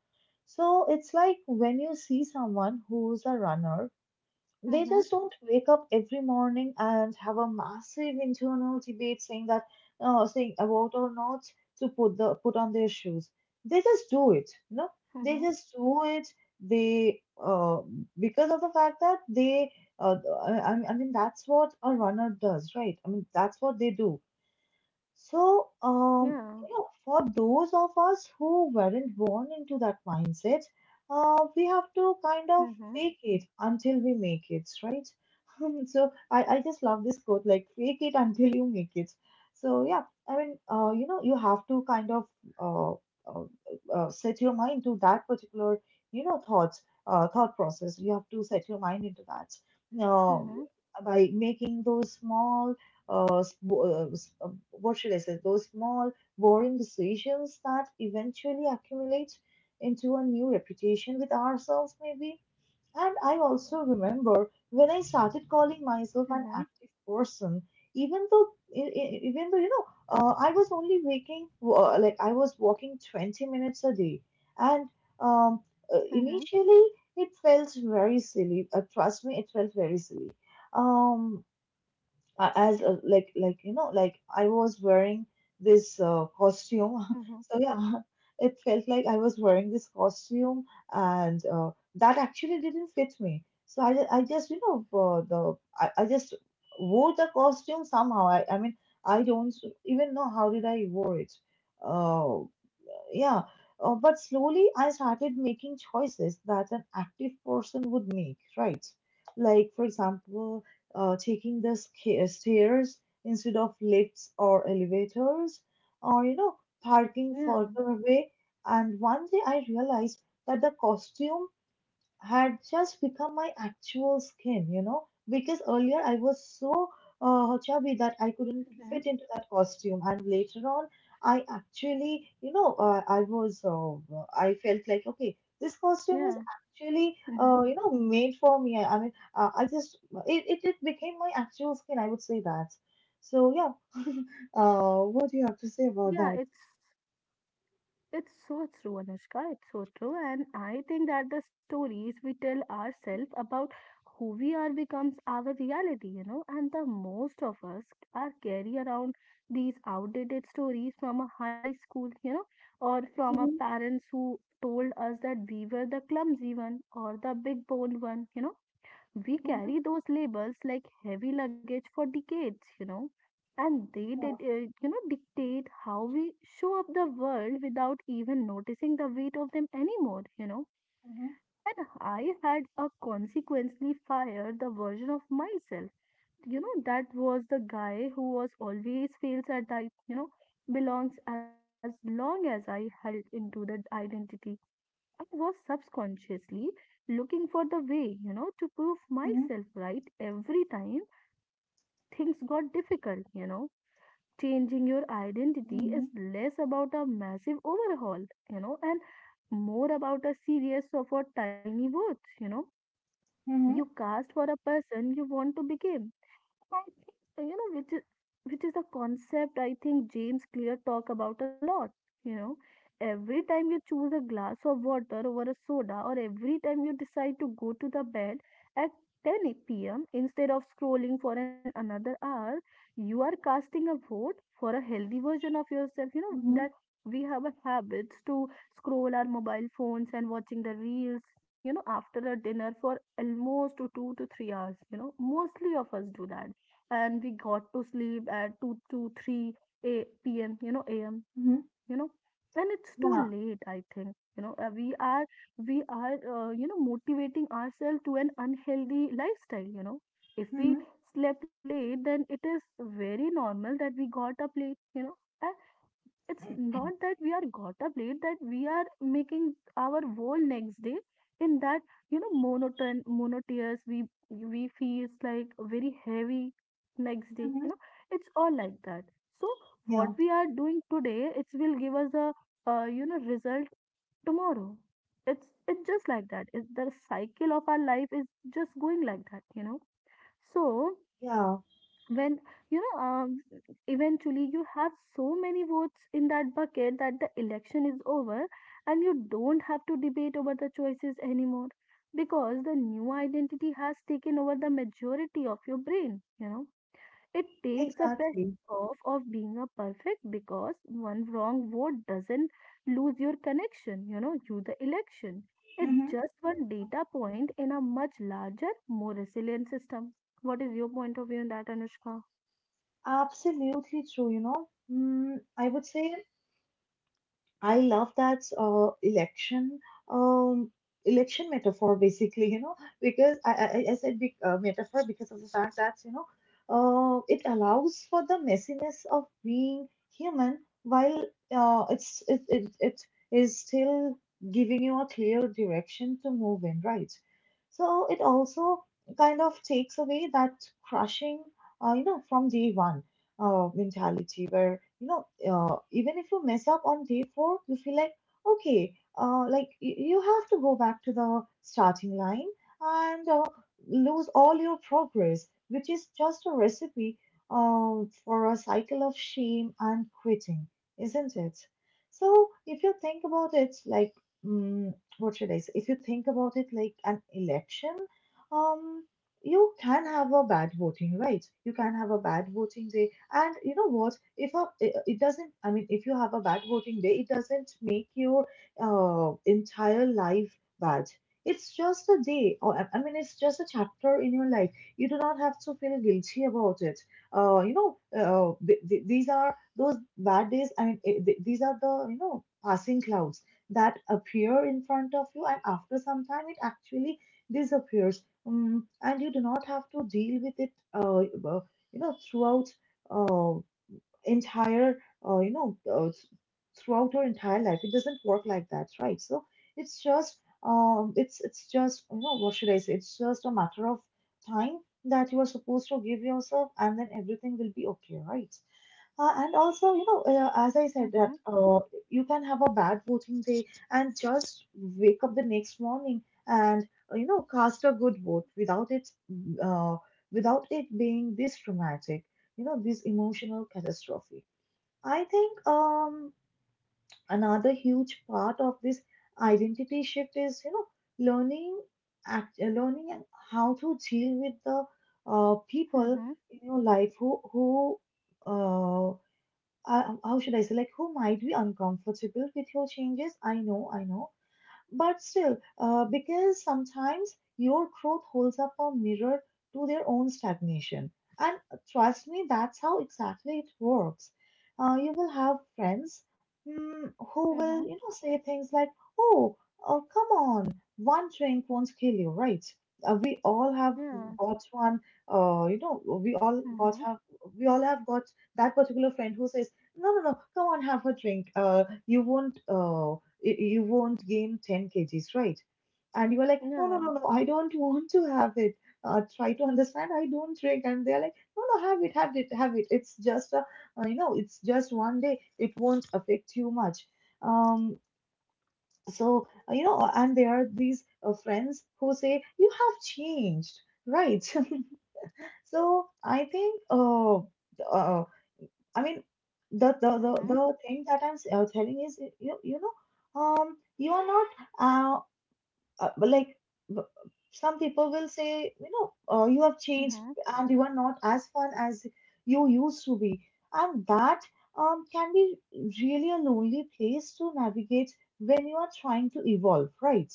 So it's like when you see someone who's a runner, they mm-hmm, just don't wake up every morning and have a massive internal debate saying that, saying about or not to put on their shoes. They just do it, you know. mm-hmm. They just do it. They Because of the fact that they, uh, I mean, that's what a runner does, right? I mean, that's what they do. So, Yeah. you know, for those of us who weren't born into that mindset, we have to kind of Mm-hmm, fake it until we make it, right? So, I just love this quote, like, fake it until you make it. So, yeah, I mean, you know, you have to kind of uh, uh, set your mind to that particular, you know, thought, thought process. You have to set your mind into that. Uh, mm-hmm, by making those small what should I say, those small, boring decisions that eventually accumulate into a new reputation with ourselves, maybe. And I also remember when I started calling myself an mm-hmm, active person, even though, even though, you know, I was only waking, like I was walking 20 minutes a day, and um, mm-hmm, initially it felt very silly. Trust me, it felt very silly. Um, as a, like, you know, like I was wearing this costume. mm-hmm. So yeah, it felt like I was wearing this costume, and that actually didn't fit me. So I just, you know, the I just wore the costume somehow. I mean, I don't even know how did I wore it. uh, yeah. But slowly I started making choices that an active person would make, right? Like, for example, taking the stairs instead of lifts or elevators, or, you know, parking Yeah. further away. And one day I realized that the costume had just become my actual skin, you know, because earlier I was so chubby that I couldn't Mm-hmm. fit into that costume, and later on, I actually, you know, I felt like, okay, this costume Yeah. is actually, Mm-hmm. You know, made for me. I mean, I just, it became my actual skin, I would say that. So, yeah, what do you have to say about Yeah, that? it's so true, Anushka. It's so true. And I think that the stories we tell ourselves about who we are becomes our reality, you know. And the most of us are carry around these outdated stories from a high school, you know, or from our Mhm. parents who told us that we were the clumsy one or the big boned one. We Mhm. carry those labels like heavy luggage for decades, and they Yeah. did, dictate how we show up the world without even noticing the weight of them anymore. Mhm. And I had a consequently fired the version of myself, that was the guy who was always feels that I, belongs as long as I held into that identity I was subconsciously looking for the way, to prove Mhm. myself right every time things got difficult. Changing your identity is Mhm. less about a massive overhaul, and more about a series of a tiny votes, you know. Mhm. You cast for a person you want to become, I think uh, you know which is which is the concept I think James Clear talk about a lot. You know, every time you choose a glass of water over a soda, or every time you decide to go to the bed at 10 p.m. instead of scrolling for an another hour, you are casting a vote for a healthy version of yourself. You know Mhm. that we have a habits to scroll our mobile phones and watching the reels you know after a dinner for almost to 2 to 3 hours you know mostly of us do that, and we got to sleep at 2 to 3 a p.m you know am Mhm. you know, and it's too Yeah. late I think you know, we are you know motivating ourselves to an unhealthy lifestyle you know. If Mm-hmm. we slept late then it is very normal that we got up late you know, and it's Mhm. not that we are got up late that we are making our whole next day in that you know monotone monotonous we feels like very heavy next day you know. It's all like that. So what Yeah, we are doing today it will give us a result tomorrow. It's just like that. It's the cycle of our life is just going like that you know. So yeah, when you know eventually you have so many votes in that bucket that the election is over, and you don't have to debate over the choices anymore because the new identity has taken over the majority of your brain you know. It takes the exactly. pressure off of being a perfect because one wrong vote doesn't lose your connection you know you the election. It's Hmm. just one data point in a much larger more resilient system. What is your point of view on that, Anushka? Absolutely true, you know. Mm, I would say I love that election um, election metaphor, basically, you know, because I said big, metaphor because of the fact that, you know, it allows for the messiness of being human while it it is still giving you a clear direction to move in, right? So it also kind of takes away that crushing, you know, from day one mentality, where you know, even if you mess up on day four, you feel like, okay, you have to go back to the starting line and lose all your progress, which is just a recipe uh, for a cycle of shame and quitting, isn't it? So if you think about it like, mm, what should I say, if you think about it like an election, um you can have a bad voting right you can have a bad voting day, and you know what? If a, it doesn't, I mean, if you have a bad voting day, it doesn't make your entire life bad. It's just a day, or I mean, it's just a chapter in your life. You do not have to feel guilty about it. You know, these are those bad days. I mean, these are the, you know, passing clouds that appear in front of you, and after some time, it actually disappears. Mm, and you do not have to deal with it. You know, throughout uh, entire uh, you know uh, th- throughout your entire life, it doesn't work like that, right? So it's just it's just, you know, what should I say, it's just a matter of time that you are supposed to give yourself, and then everything will be okay, right? And also, you know, as I said, that Mhm, you can have a bad voting day and just wake up the next morning and, you know, cast a good vote without it, uh, without it being this dramatic, you know, this emotional catastrophe. I think another huge part of this identity shift is, you know, learning, learning how to deal with the people mhm, in your life who. Uh, how should I say, like, who might be uncomfortable with your changes. I know, but still, because sometimes your growth holds up a mirror to their own stagnation. And trust me, that's how exactly it works. You will have friends who will, mhm, you know, say things like, "Oh, oh, come on, one drink won't kill you, right?" We all have yeah, got one. You know, we all got mhm, have we all have got that particular friend who says, "No, no, no, come on, have a drink. You won't you won't gain 10 kgs, right?" And you are like, no, no, no, yeah, no, I don't want to have it. Try to understand, I don't drink. And they're like, no, no, have it, have it, have it. It's just, it's just one day. It won't affect you much. Um, and there are these friends who say, you have changed, right? So I think, uh, I mean, the, the, the, mhm, the thing that I'm telling is, you know, you are not uh, but like b- some people will say, you know, you have changed mhm, and you are not as fun as you used to be, and that can be really a lonely place to navigate when you are trying to evolve, right?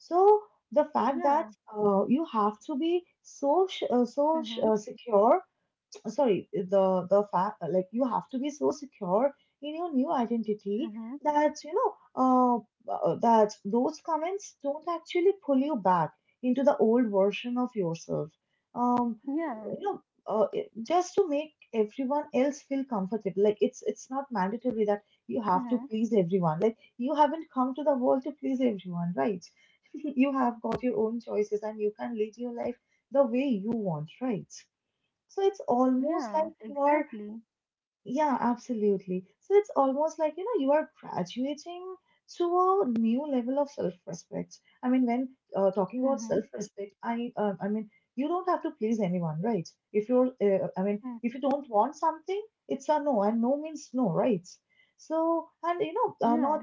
So the fact that yeah, you have to be so mhm, secure. Sorry, the fact, like, you have to be so secure in your new identity, mhm, that, you know, uh, that those comments don't actually pull you back into the old version of yourself. Yeah, You know, just to make everyone else feel comfortable. Like, it's not mandatory that you have to mhm, please everyone. Like, you haven't come to the world to please everyone, right? You have got your own choices and you can lead your life the way you want, right? So it's almost yeah, like you are, exactly. yeah, absolutely. So it's almost like, you know, you are graduating to a new level of self-respect. I mean, when talking about Mhm, self-respect, I mean, you don't have to please anyone, right? If you're, I mean, mhm, if you don't want something, it's a no, and no means no, right? So, and you know, yeah, not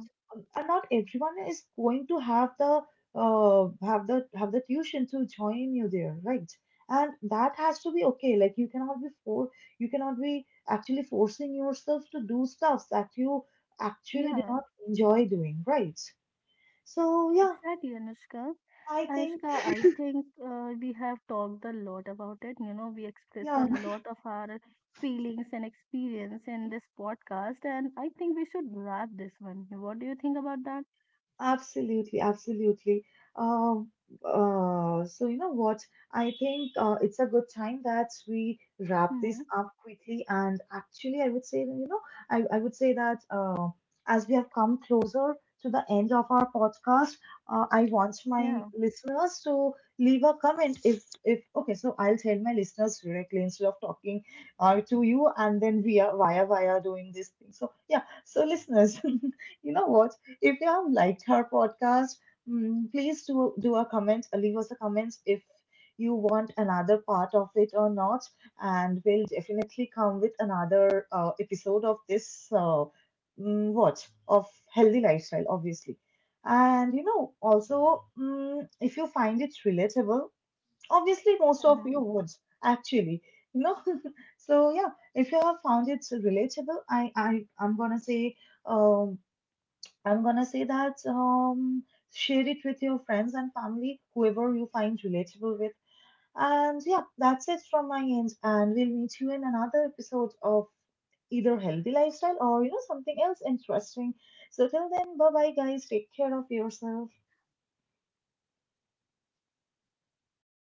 and not everyone is going to have the have the tuition to join you there, right? And that has to be okay. Like you cannot be actually forcing yourself to do stuff that you actually do yeah, not enjoy doing, right? So yeah, exactly, Anushka. I think, Anushka, I think we have talked a lot about it. You know, we express a yeah. lot of our feelings and experience in this podcast, and I think we should wrap this one. What do you think about that? Absolutely, absolutely. Um, so, you know what? I think it's a good time that we wrap this Mm-hmm. up quickly. And actually, I would say that, you know, I would say that as we have come closer to the end of our podcast, I want my Yeah. listeners to leave a comment. If Okay, so I'll tell my listeners directly instead of talking to you and then via doing this thing. So yeah, so listeners, you know what? If you have liked our podcast, please do a comment, leave us a comment if you want another part of it or not, and we'll definitely come with another episode of this mm, what of healthy lifestyle, obviously. And you know, also, if you find it relatable, obviously most of you Mm-hmm. would, actually, you know. So yeah, if you have found it relatable, I'm gonna say. Um, I'm gonna say that share it with your friends and family, whoever you find relatable with. And yeah, that's it from my end. And we'll meet you in another episode of either healthy lifestyle or, you know, something else interesting. So till then, bye bye guys. Take care of yourself.